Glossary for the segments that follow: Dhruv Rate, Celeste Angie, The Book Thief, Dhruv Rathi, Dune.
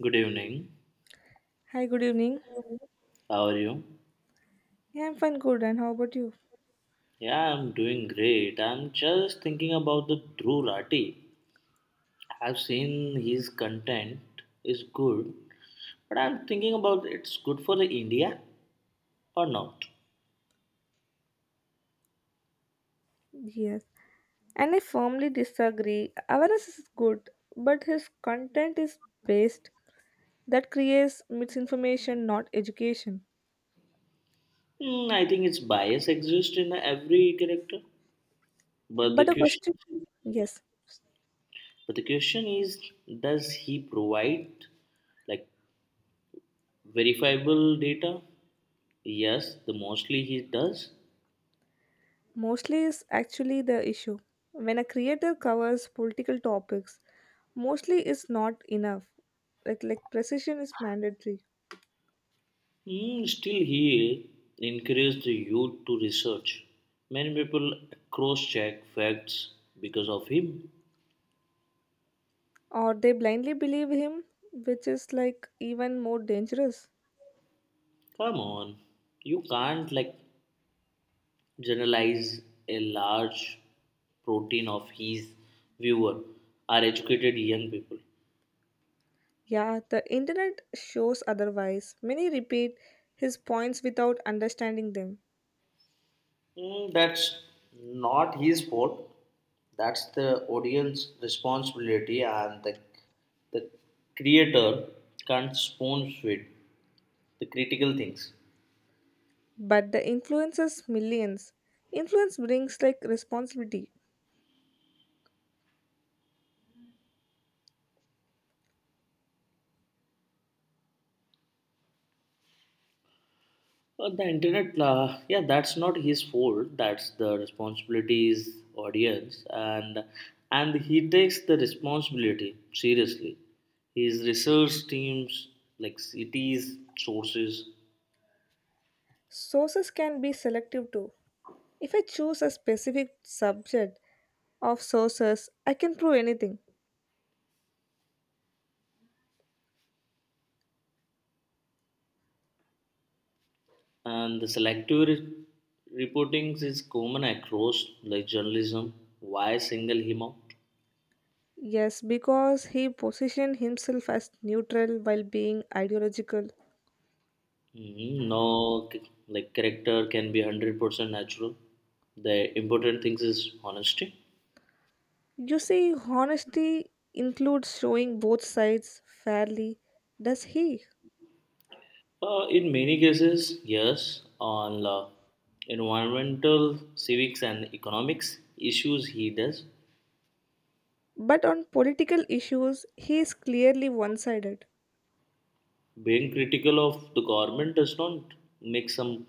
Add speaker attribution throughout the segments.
Speaker 1: Good evening.
Speaker 2: Hi, good evening.
Speaker 1: How are you?
Speaker 2: Yeah, I'm fine, good. And how about you?
Speaker 1: Yeah, I'm doing great. I'm just thinking about the Dhruv Rathi. I've seen his content is good, but I'm thinking about it's good for the India or not.
Speaker 2: Yes. And I firmly disagree. Awareness is good, but his content is based that creates misinformation, not education.
Speaker 1: Hmm, I think its bias exists in every character, but
Speaker 2: But
Speaker 1: the
Speaker 2: the question,
Speaker 1: question,
Speaker 2: yes,
Speaker 1: but the question is, does he provide like verifiable data? Yes, the mostly he does.
Speaker 2: mostly is actually the issue. When a creator covers political topics, mostly is not enough. Like precision is mandatory.
Speaker 1: Hmm, still, he encouraged the youth to research. Many people cross check facts because of him.
Speaker 2: Or they blindly believe him, which is like even more dangerous.
Speaker 1: Come on, you can't like generalize a large protein of his viewer are educated young people.
Speaker 2: Yeah, the internet shows otherwise. Many repeat his points without understanding them.
Speaker 1: Hmm, that's not his fault. That's the audience responsibility and the creator can't spoon feed the critical things.
Speaker 2: But the influences millions. Influence brings like responsibility.
Speaker 1: The internet, yeah, that's not his fault. That's the responsibilities audience, and he takes the responsibility seriously. His research teams, like cities, sources,
Speaker 2: Sources can be selective too. If I choose a specific subject of sources, I can prove anything.
Speaker 1: and the selective reporting is common across like journalism. Why single him out?
Speaker 2: Yes, because he positioned himself as neutral while being ideological.
Speaker 1: Mhm. No, c- like character can be 100% natural. The important things is honesty.
Speaker 2: You see, honesty includes showing both sides fairly. Does he?
Speaker 1: In many cases, yes, on environmental, civics, and economics issues, he does.
Speaker 2: But on political issues, he is clearly one sided.
Speaker 1: Being critical of the government does not make some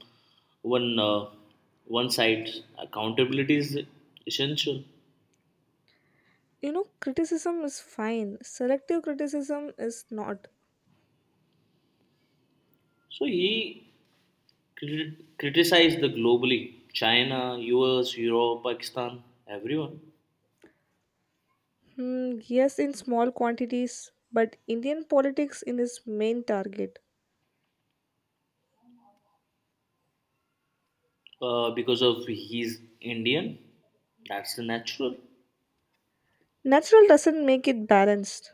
Speaker 1: one one side accountability is essential.
Speaker 2: You know, criticism is fine, selective criticism is not.
Speaker 1: So he criticized the globally China, U.S., Europe, Pakistan, everyone
Speaker 2: Hmm, yes, in small quantities, but Indian politics in his main target.
Speaker 1: because of he's Indian. That's the natural.
Speaker 2: Natural doesn't make it balanced.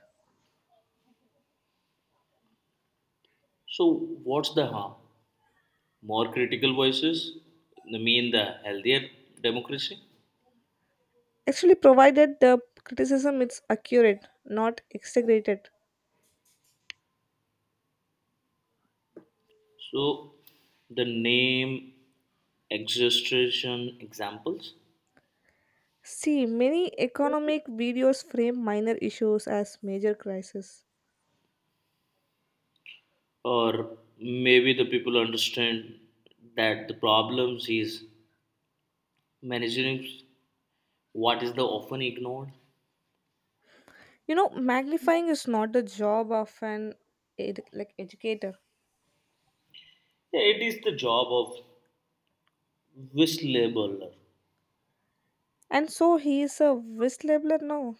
Speaker 1: So what's the harm? More critical voices the mean the healthier democracy.
Speaker 2: Actually, provided the criticism is accurate, not exaggerated.
Speaker 1: So the name exaggeration examples.
Speaker 2: See, many economic videos frame minor issues as major crises.
Speaker 1: Or maybe the people understand that the problems is managing what is the often ignored.
Speaker 2: You know, magnifying is not the job of an like educator.
Speaker 1: Yeah, it is the job of whistleblower.
Speaker 2: And so he is a whistleblower now.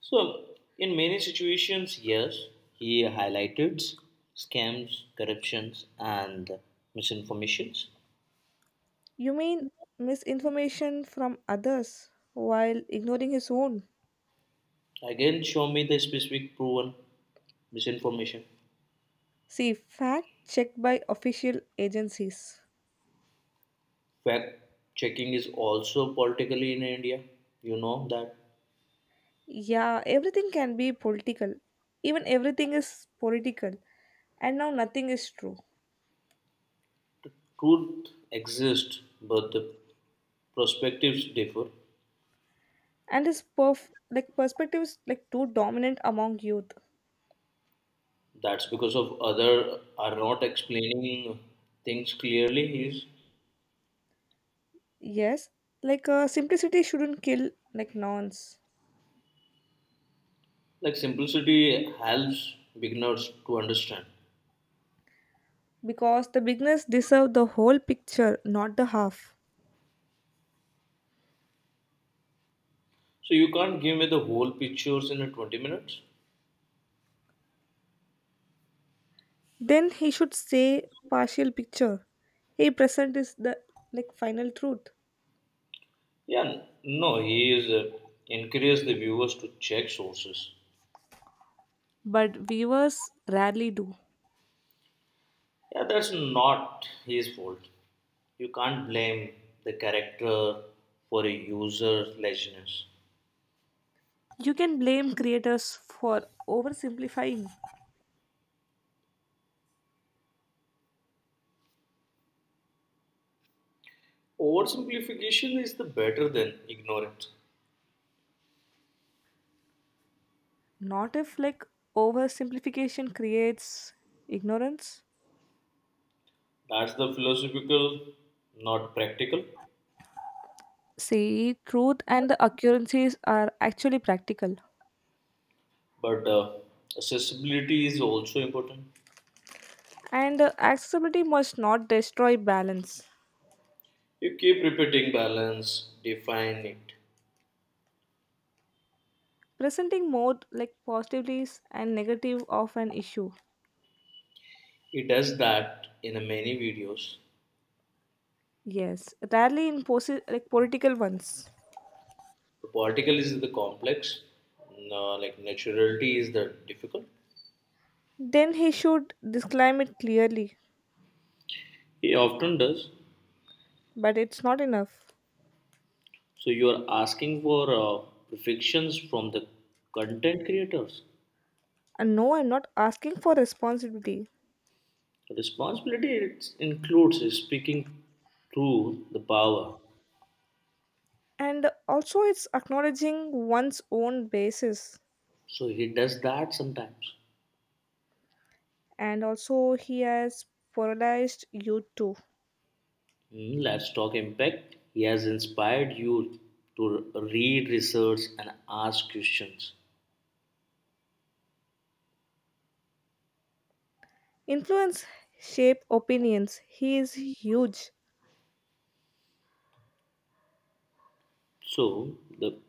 Speaker 1: So in many situations, yes, he highlighted scams, corruptions, and misinformations.
Speaker 2: You mean misinformation from others while ignoring his own?
Speaker 1: Again, show me the specific proven misinformation.
Speaker 2: See, fact checked by official agencies.
Speaker 1: Fact checking is also politically in India. You know that
Speaker 2: Yeah, everything can be political. Even everything is political. And now nothing is true.
Speaker 1: truth exists, but the perspectives differ.
Speaker 2: And his like perspective is like too dominant among youth.
Speaker 1: That's because of other are not explaining things clearly. Is
Speaker 2: Yes, simplicity shouldn't kill like nonce.
Speaker 1: like simplicity helps beginners to understand.
Speaker 2: Because the beginners deserve the whole picture, not the half.
Speaker 1: So you can't give me the whole pictures in a 20 minutes.
Speaker 2: Then he should say partial picture. A present is the like final truth.
Speaker 1: Yeah, no, he is encouraged the viewers to check sources.
Speaker 2: But viewers rarely do.
Speaker 1: Yeah, that's not his fault. You can't blame the character for a user's laziness.
Speaker 2: You can blame creators for oversimplifying.
Speaker 1: Oversimplification is the better than ignorance.
Speaker 2: Not if like oversimplification creates ignorance.
Speaker 1: That's the philosophical, not practical.
Speaker 2: See, truth and the occurrences are actually practical.
Speaker 1: But accessibility is also important.
Speaker 2: And accessibility must not destroy balance.
Speaker 1: You keep repeating balance, define it.
Speaker 2: Presenting more like positives and negative of an issue.
Speaker 1: He does that in many videos.
Speaker 2: Yes, rarely in like political ones.
Speaker 1: The political is the complex, no, like naturality is the difficult.
Speaker 2: Then he should disclaim it clearly.
Speaker 1: He often does.
Speaker 2: But it's not enough.
Speaker 1: So you are asking for perfections from the content creators.
Speaker 2: And no, I'm not asking for responsibility.
Speaker 1: Responsibility it includes speaking through the power.
Speaker 2: And also, it's acknowledging one's own basis.
Speaker 1: So he does that sometimes.
Speaker 2: And also, he has polarized you too.
Speaker 1: Hmm, let's talk impact. He has inspired you to read, research, and ask questions.
Speaker 2: Influence shape opinions. He is huge.
Speaker 1: So the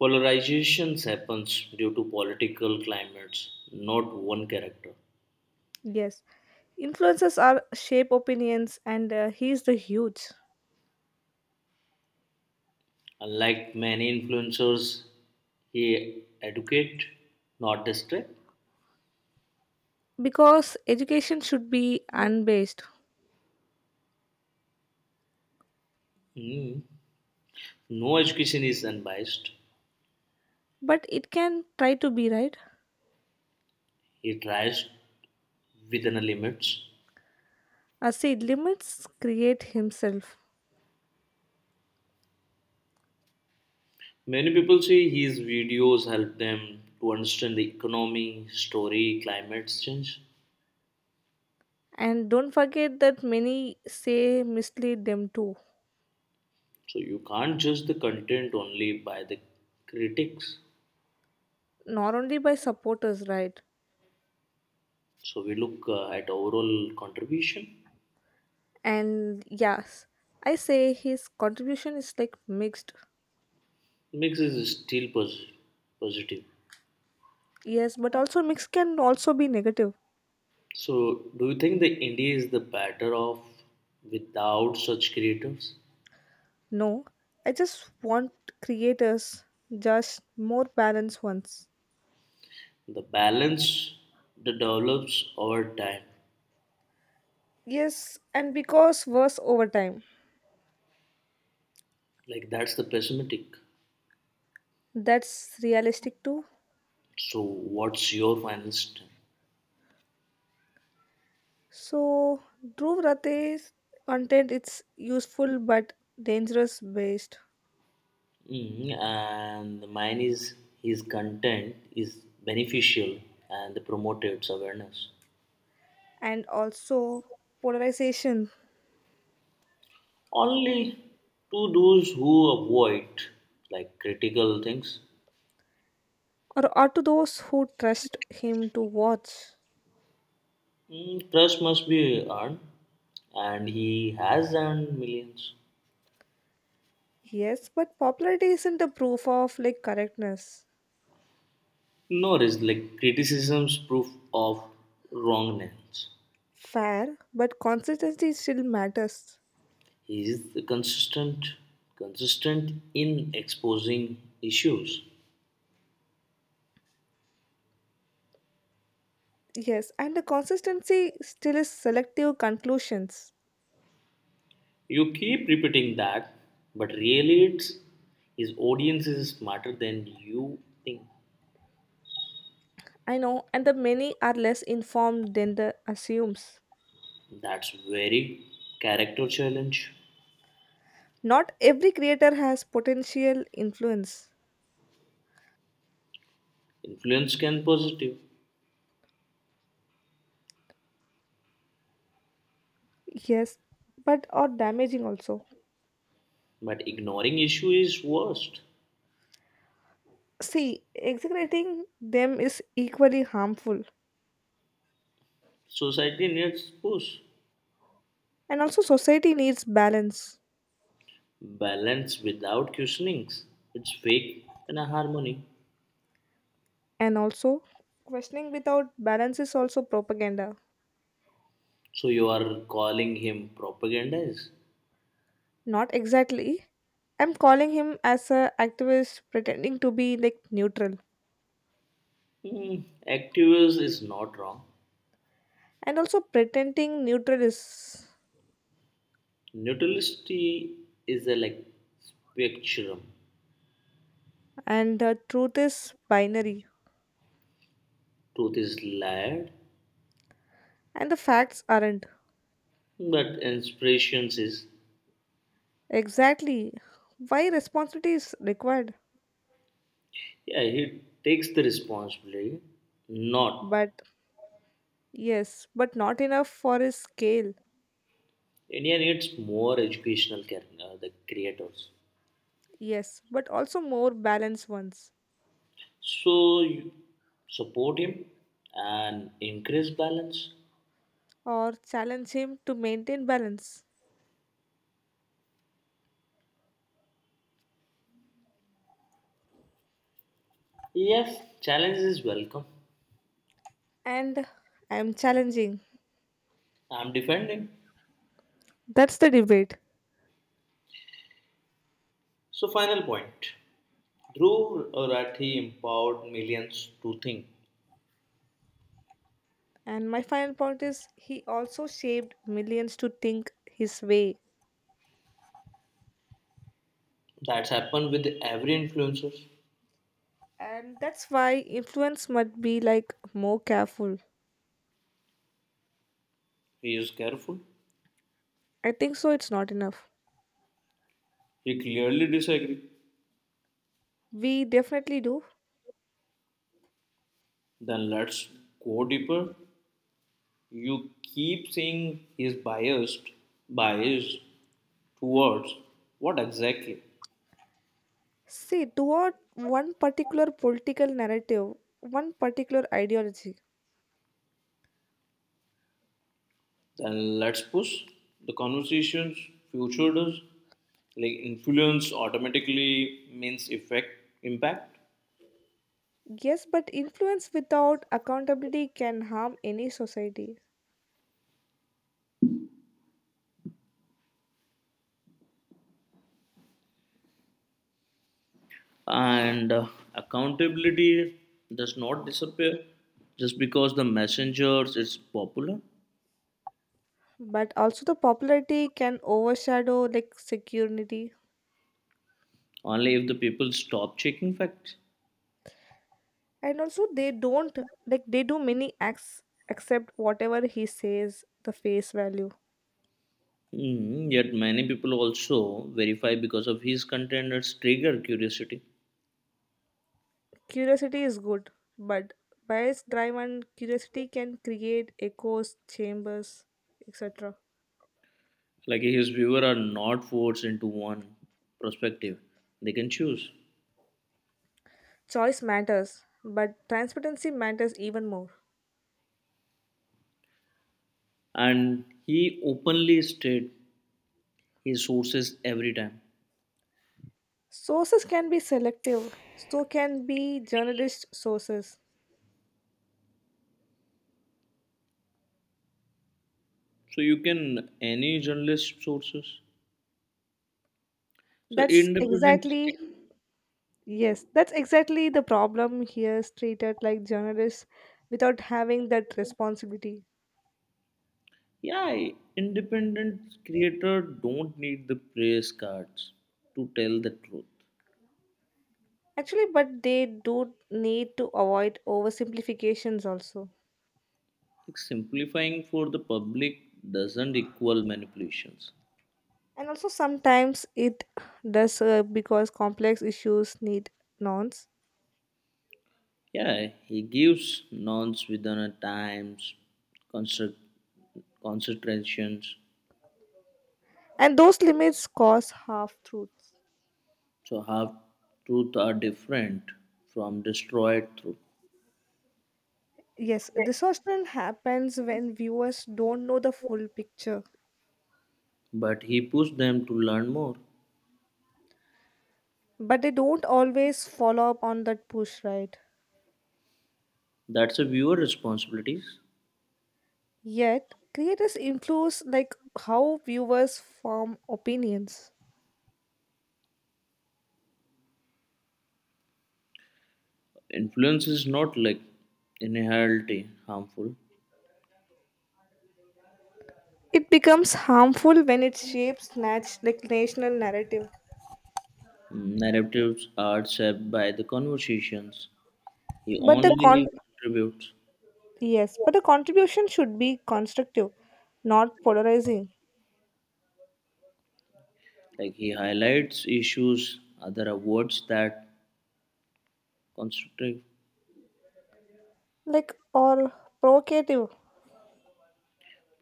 Speaker 1: polarizations happens due to political climates, not one character.
Speaker 2: Yes, influences are shape opinions, and he is the huge.
Speaker 1: Unlike many influencers, he educate, not distract.
Speaker 2: Because education should be unbased,
Speaker 1: Hmm. No education is unbiased.
Speaker 2: but it can try to be right.
Speaker 1: He tries within the limits.
Speaker 2: I say limits create himself.
Speaker 1: Many people say his videos help them to understand the economy, story, climate change.
Speaker 2: And don't forget that many say mislead them too,
Speaker 1: So you can't judge the content only by the critics.
Speaker 2: not only by supporters, right?
Speaker 1: So we look at overall contribution.
Speaker 2: And yes, I say his contribution is like mixed.
Speaker 1: Mix is still positive.
Speaker 2: Yes, but also mixed can also be negative.
Speaker 1: So, do you think the indie is the better off without such creatives?
Speaker 2: No, I just want creators just more balanced ones.
Speaker 1: The balance that develops over time,
Speaker 2: Yes, and because worse over time.
Speaker 1: like that's the pessimistic.
Speaker 2: That's realistic too.
Speaker 1: So, what's your final stand?
Speaker 2: So Dhruv Rate's content it's useful but dangerous based.
Speaker 1: Mm, and mine is his content is beneficial and promotes awareness
Speaker 2: And also polarization.
Speaker 1: only to those who avoid like critical things.
Speaker 2: Or to those who trust him to watch.
Speaker 1: Mm, trust must be earned, and he has earned millions.
Speaker 2: Yes, but popularity isn't a proof of like correctness.
Speaker 1: No, it's like criticism's proof of wrongness.
Speaker 2: Fair, but consistency still matters.
Speaker 1: He is consistent in exposing issues.
Speaker 2: Yes, and the consistency still is selective conclusions.
Speaker 1: You keep repeating that, but really, it's his audience is smarter than you think.
Speaker 2: I know, and the many are less informed than the assumes.
Speaker 1: That's very character challenge.
Speaker 2: Not every creator has potential influence.
Speaker 1: Influence can positive,
Speaker 2: Yes, but or damaging also.
Speaker 1: but ignoring issue is worst.
Speaker 2: See, exaggerating them is equally harmful.
Speaker 1: Society needs push,
Speaker 2: And also, society needs balance.
Speaker 1: balance without questionings. It's fake and a harmony.
Speaker 2: And also, questioning without balance is also propaganda.
Speaker 1: So you are calling him propagandist?
Speaker 2: Not exactly. I'm calling him as a activist pretending to be like neutral.
Speaker 1: Hmm, activist is not wrong.
Speaker 2: And also, pretending neutral is.
Speaker 1: Neutrality is a like spectrum.
Speaker 2: And the truth is binary.
Speaker 1: Truth is layered,
Speaker 2: And the facts aren't.
Speaker 1: but inspirations is
Speaker 2: Exactly. Why responsibility is required.
Speaker 1: yeah. He takes the responsibility. Not
Speaker 2: But yes, but not enough for his scale.
Speaker 1: India needs more educational care, the creators.
Speaker 2: Yes, but also more balanced ones.
Speaker 1: So you support him and increase balance.
Speaker 2: Or challenge him to maintain balance.
Speaker 1: Yes, challenge is welcome.
Speaker 2: And I am challenging.
Speaker 1: I'm defending.
Speaker 2: That's the debate.
Speaker 1: So final point. Dhruv Rathi empowered millions to think.
Speaker 2: And my final point is he also shaped millions to think his way.
Speaker 1: That's happened with every influencer.
Speaker 2: And that's why influence must be like more careful.
Speaker 1: He is careful.
Speaker 2: I think so, it's not enough.
Speaker 1: He clearly disagrees.
Speaker 2: We definitely do.
Speaker 1: Then let's go deeper. You keep saying he is biased. Biased towards what exactly?
Speaker 2: See, toward one particular political narrative, one particular ideology.
Speaker 1: Then let's push the conversations future does. Like influence automatically means effect impact.
Speaker 2: Yes, but influence without accountability can harm any society.
Speaker 1: And accountability does not disappear just because the messengers is popular
Speaker 2: But also the popularity can overshadow like security.
Speaker 1: only if the people stop checking facts.
Speaker 2: And also they don't, like they do many acts except whatever he says the face value.
Speaker 1: Hmm, yet many people also verify because of his contenders trigger curiosity.
Speaker 2: Curiosity is good, but bias driven curiosity can create echoes chambers etc.
Speaker 1: Like his viewer are not forced into one perspective, they can choose.
Speaker 2: Choice matters but transparency matters even more.
Speaker 1: And he openly state his sources every time,
Speaker 2: Sources can be selective, so can be journalist sources.
Speaker 1: so you can any journalist sources, so
Speaker 2: That's
Speaker 1: independent.
Speaker 2: exactly. Yes, that's exactly the problem here is treated like journalists without having that responsibility.
Speaker 1: Yeah, independent creator don't need the press cards to tell the truth.
Speaker 2: Actually, but they do need to avoid oversimplifications also.
Speaker 1: Like simplifying for the public doesn't equal manipulations.
Speaker 2: And also sometimes it does because complex issues need nouns.
Speaker 1: Yeah, he gives nouns within a times, concert, concentrations.
Speaker 2: And those limits cause half truths.
Speaker 1: So half truth are different from destroyed truth.
Speaker 2: Yes, distortion happens when viewers don't know the full picture.
Speaker 1: But he pushed them to learn more.
Speaker 2: But they don't always follow up on that push, right?
Speaker 1: That's a viewer responsibilities.
Speaker 2: Yet, creators influence like how viewers form opinions.
Speaker 1: Influence is not like inherently harmful.
Speaker 2: It becomes harmful when it shapes like national narrative.
Speaker 1: Narratives are shaped by the conversations he
Speaker 2: But the con
Speaker 1: only contributes.
Speaker 2: Yes, but the contribution should be constructive, not polarizing,
Speaker 1: Like he highlights issues, other awards that constructive.
Speaker 2: like or provocative.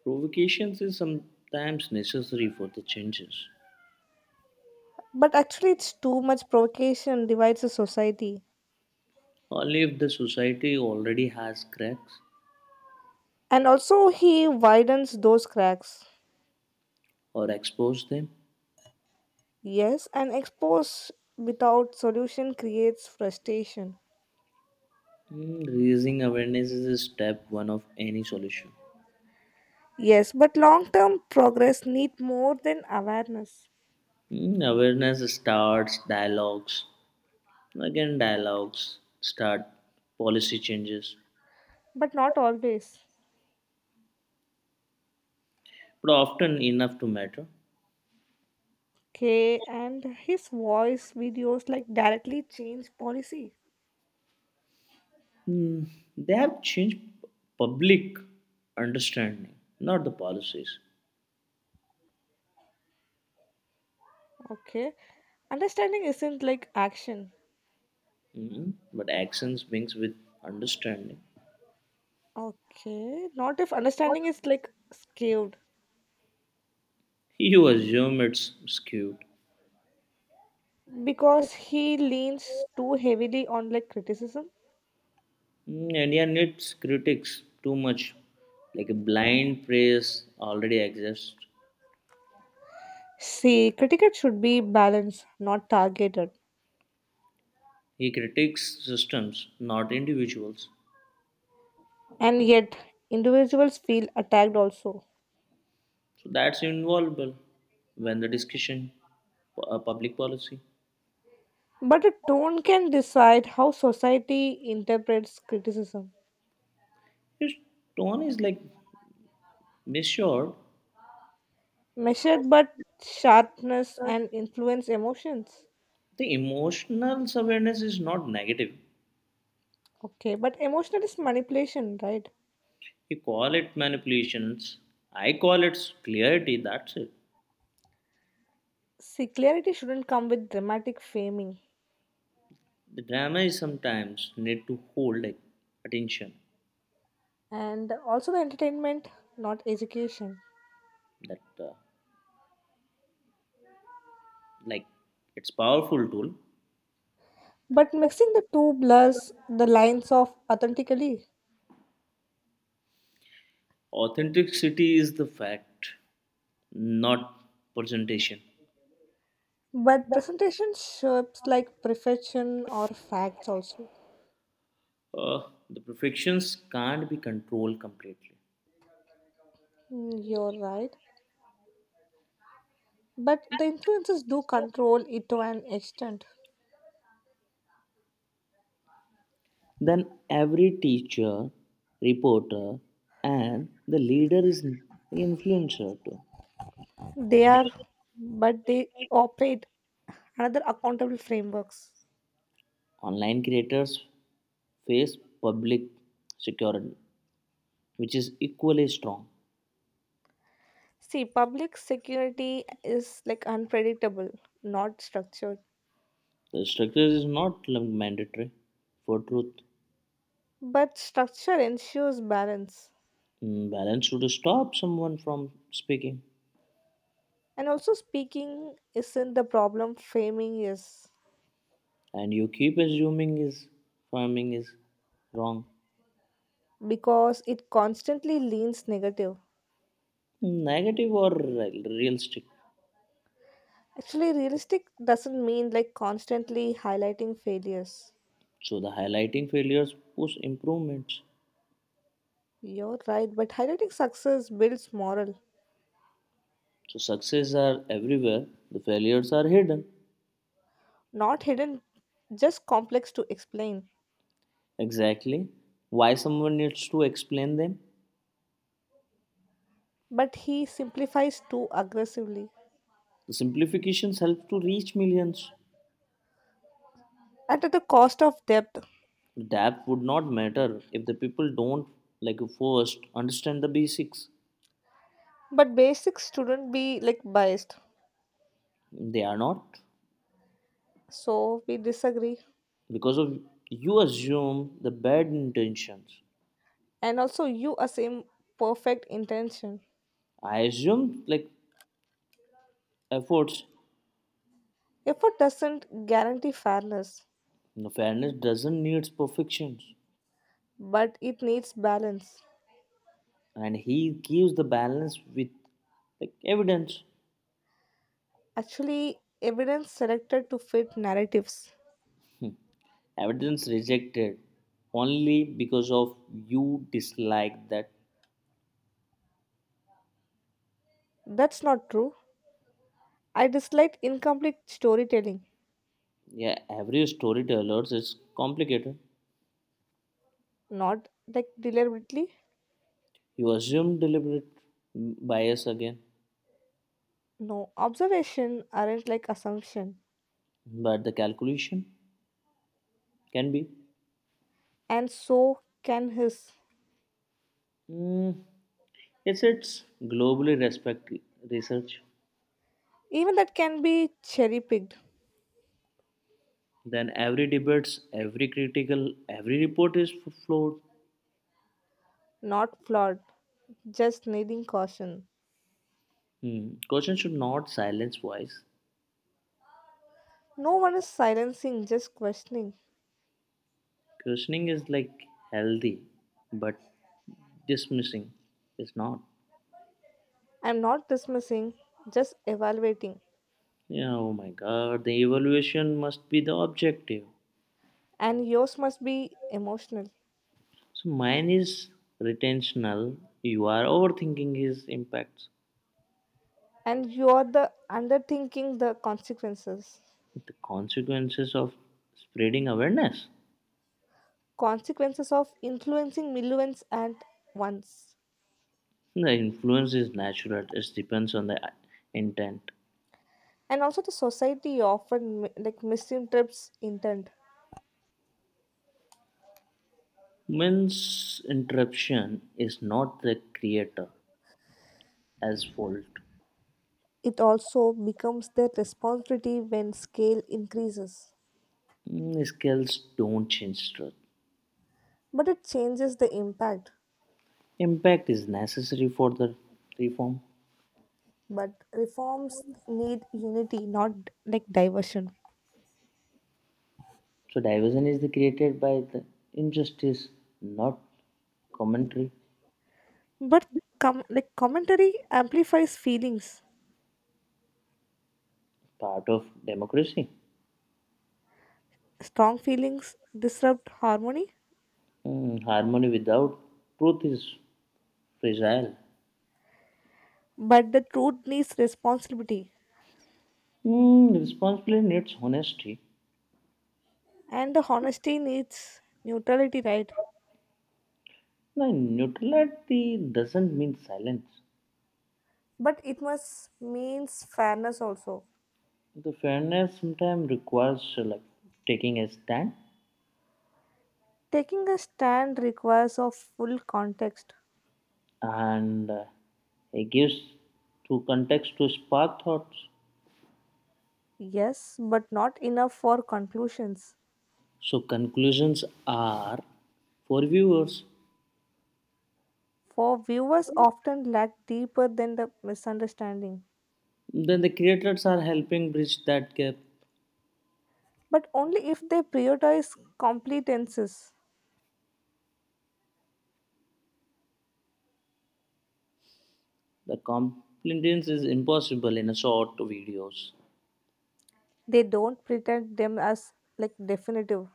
Speaker 1: Provocations is sometimes necessary for the changes.
Speaker 2: But actually, it's too much provocation divides the society,
Speaker 1: Only if the society already has cracks
Speaker 2: and also he widens those cracks.
Speaker 1: or expose them.
Speaker 2: Yes, and expose without solution creates frustration.
Speaker 1: Mm, raising awareness is step one of any solution.
Speaker 2: Yes, but long term progress need more than awareness.
Speaker 1: Mm, awareness starts dialogues. Again, dialogues start policy changes.
Speaker 2: But not always.
Speaker 1: But often enough to matter.
Speaker 2: Okay, and his voice videos like directly change policy.
Speaker 1: Mm, they have changed public understanding, not the policies.
Speaker 2: Okay. Understanding isn't like action.
Speaker 1: Mm, but actions mixed with understanding.
Speaker 2: Okay. Not if understanding is like skewed.
Speaker 1: You assume it's skewed.
Speaker 2: Because he leans too heavily on like criticism.
Speaker 1: Mm, India needs critics too much, like a blind praise already exists.
Speaker 2: See, critical should be balanced, not targeted.
Speaker 1: He critiques systems, not individuals.
Speaker 2: And yet individuals feel attacked also.
Speaker 1: So that's involvable when the discussion, public policy.
Speaker 2: But a tone can decide how society interprets criticism.
Speaker 1: His tone is like measured.
Speaker 2: Measured but sharpness and influence emotions.
Speaker 1: The emotional awareness is not negative.
Speaker 2: Okay, but emotional is manipulation, right?
Speaker 1: You call it manipulations. I call it clarity. That's it.
Speaker 2: See, clarity shouldn't come with dramatic framing.
Speaker 1: The drama is sometimes need to hold attention.
Speaker 2: And also the entertainment, not education.
Speaker 1: That like it's powerful tool.
Speaker 2: But mixing the two blurs the lines of authentically.
Speaker 1: Authenticity is the fact, not presentation.
Speaker 2: But presentation shapes like perfection or facts also.
Speaker 1: Uh, the perfections can't be controlled completely.
Speaker 2: Mm, you're right. But the influences do control it to an extent.
Speaker 1: Then every teacher, reporter, and the leader is influencer too.
Speaker 2: They are, but they operate another accountable frameworks.
Speaker 1: Online creators face public security, which is equally strong.
Speaker 2: See, public security is like unpredictable, not structured.
Speaker 1: The structure is not like mandatory for truth.
Speaker 2: But structure ensures balance.
Speaker 1: Mm, balance should stop someone from speaking,
Speaker 2: And also speaking isn't the problem, framing is.
Speaker 1: and you keep assuming is farming is wrong,
Speaker 2: Because it constantly leans negative.
Speaker 1: negative or realistic.
Speaker 2: Actually realistic doesn't mean like constantly highlighting failures.
Speaker 1: So the highlighting failures push improvements.
Speaker 2: You're right, but highlighting success builds moral,
Speaker 1: So success are everywhere, the failures are hidden.
Speaker 2: not hidden, just complex to explain.
Speaker 1: Exactly why someone needs to explain them.
Speaker 2: But he simplifies too aggressively
Speaker 1: The simplifications help to reach millions.
Speaker 2: and at the cost of depth.
Speaker 1: The depth would not matter if the people don't like first understand the basics.
Speaker 2: But basics shouldn't be like biased.
Speaker 1: They are not
Speaker 2: So we disagree.
Speaker 1: because of you assume the bad intentions.
Speaker 2: And also, you assume perfect intention.
Speaker 1: I assume like efforts.
Speaker 2: Effort doesn't guarantee fairness,
Speaker 1: No fairness doesn't need perfections,
Speaker 2: but it needs balance.
Speaker 1: and he gives the balance with like evidence.
Speaker 2: Actually, evidence selected to fit narratives.
Speaker 1: Evidence rejected only because of you dislike that.
Speaker 2: That's not true. I dislike incomplete storytelling
Speaker 1: Yeah, every storyteller is complicated.
Speaker 2: not like deliberately.
Speaker 1: You assume deliberate bias again,
Speaker 2: No, observation aren't like assumption,
Speaker 1: but the calculation can be.
Speaker 2: and so can his.
Speaker 1: Mm, it's globally respected research.
Speaker 2: Even that can be cherry picked,
Speaker 1: Then every debates, every critical, every report is flawed.
Speaker 2: not flawed, just needing caution.
Speaker 1: Hmm. Question should not silence voice.
Speaker 2: No one is silencing, just questioning.
Speaker 1: Questioning is like healthy, but dismissing is not.
Speaker 2: I'm not dismissing, just evaluating.
Speaker 1: Yeah, oh my god, the evaluation must be the objective.
Speaker 2: And yours must be emotional.
Speaker 1: So mine is retentional. You are overthinking his impacts,
Speaker 2: And you're the underthinking the consequences.
Speaker 1: the consequences of spreading awareness.
Speaker 2: Consequences of influencing millions at once.
Speaker 1: The influence is natural, it depends on the intent.
Speaker 2: And also the society often like misinterprets intent.
Speaker 1: Man's interruption is not the creator as fault.
Speaker 2: It also becomes their responsibility when scale increases.
Speaker 1: Mm, skills don't change truth.
Speaker 2: But it changes the impact.
Speaker 1: Impact is necessary for the reform.
Speaker 2: But reforms need unity not like diversion.
Speaker 1: So diversion is the created by the injustice, not commentary,
Speaker 2: But like commentary amplifies feelings.
Speaker 1: part of democracy.
Speaker 2: Strong feelings disrupt harmony.
Speaker 1: Mm, harmony without truth is fragile.
Speaker 2: But the truth needs responsibility.
Speaker 1: Mm, responsibility needs honesty.
Speaker 2: And the honesty needs neutrality, right?
Speaker 1: Now, neutrality doesn't mean silence.
Speaker 2: But it must means fairness also.
Speaker 1: The fairness sometimes requires like taking a stand,
Speaker 2: Taking a stand requires of full context,
Speaker 1: and it gives to context to spark thoughts.
Speaker 2: yes, but not enough for conclusions.
Speaker 1: So conclusions are for viewers.
Speaker 2: For viewers often lack deeper than the misunderstanding,
Speaker 1: Then the creators are helping bridge that gap.
Speaker 2: but only if they prioritize competences.
Speaker 1: The competence is impossible in a short videos.
Speaker 2: They don't pretend them as like definitive,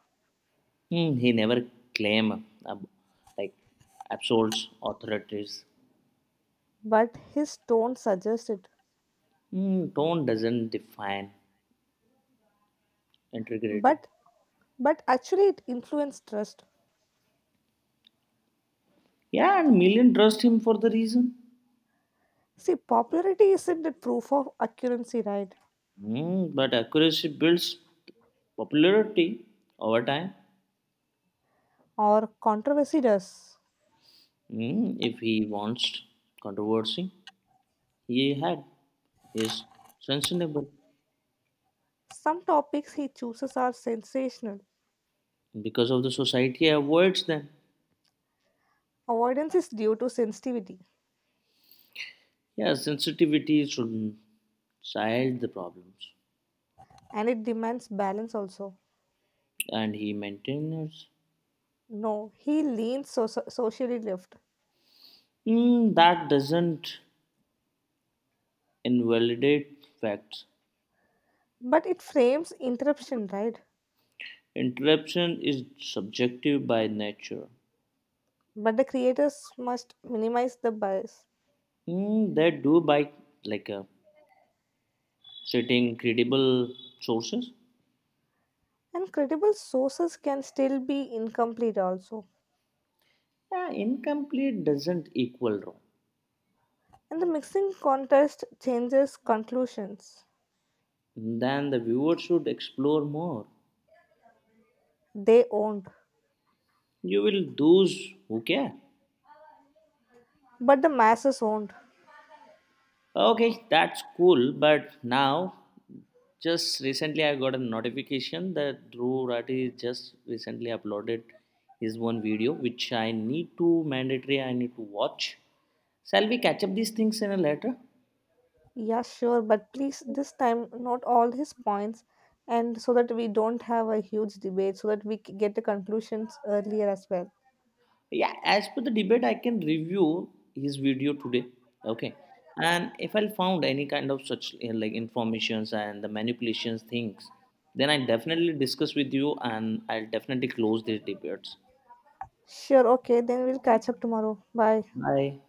Speaker 1: Hmm, he never claim ab like absolutes authorities.
Speaker 2: but his tone suggests it.
Speaker 1: Hmm, tone doesn't define integrity.
Speaker 2: But but actually, it influenced trust.
Speaker 1: Yeah, and million trust him for the reason.
Speaker 2: See, popularity isn't the proof of accuracy, right?
Speaker 1: Hmm, but accuracy builds popularity over time.
Speaker 2: Or controversy does.
Speaker 1: Hmm, if he wants controversy, he had. He is sensible
Speaker 2: Some topics he chooses are sensational.
Speaker 1: because of the society avoids them.
Speaker 2: Avoidance is due to sensitivity
Speaker 1: Yeah, sensitivity should not child the problems
Speaker 2: and it demands balance also.
Speaker 1: and he maintains.
Speaker 2: No, he leans socially left.
Speaker 1: Mm, that doesn't invalidate facts.
Speaker 2: But it frames interruption, right?
Speaker 1: Interruption is subjective by nature.
Speaker 2: But the creators must minimize the bias.
Speaker 1: Mm, they do by like citing credible sources.
Speaker 2: And credible sources can still be incomplete also.
Speaker 1: Yeah, incomplete doesn't equal wrong.
Speaker 2: And the mixing contest changes conclusions.
Speaker 1: Then the viewer should explore more.
Speaker 2: They owned,
Speaker 1: You will those who care.
Speaker 2: but the masses owned.
Speaker 1: Okay, that's cool. But now, just recently, I got a notification that Dhruv Rathi just recently uploaded his one video, which I need to mandatory. I need to watch. Shall we catch up these things in a later?
Speaker 2: Yeah, sure, but please this time note all his points and so that we don't have a huge debate, so that we get the conclusions earlier as well.
Speaker 1: Yeah, as per the debate, I can review his video today. Okay, and if I found any kind of such like informations and the manipulations things, then I definitely discuss with you, and I'll definitely close these debates.
Speaker 2: Sure, okay, then we'll catch up tomorrow. Bye.
Speaker 1: Bye.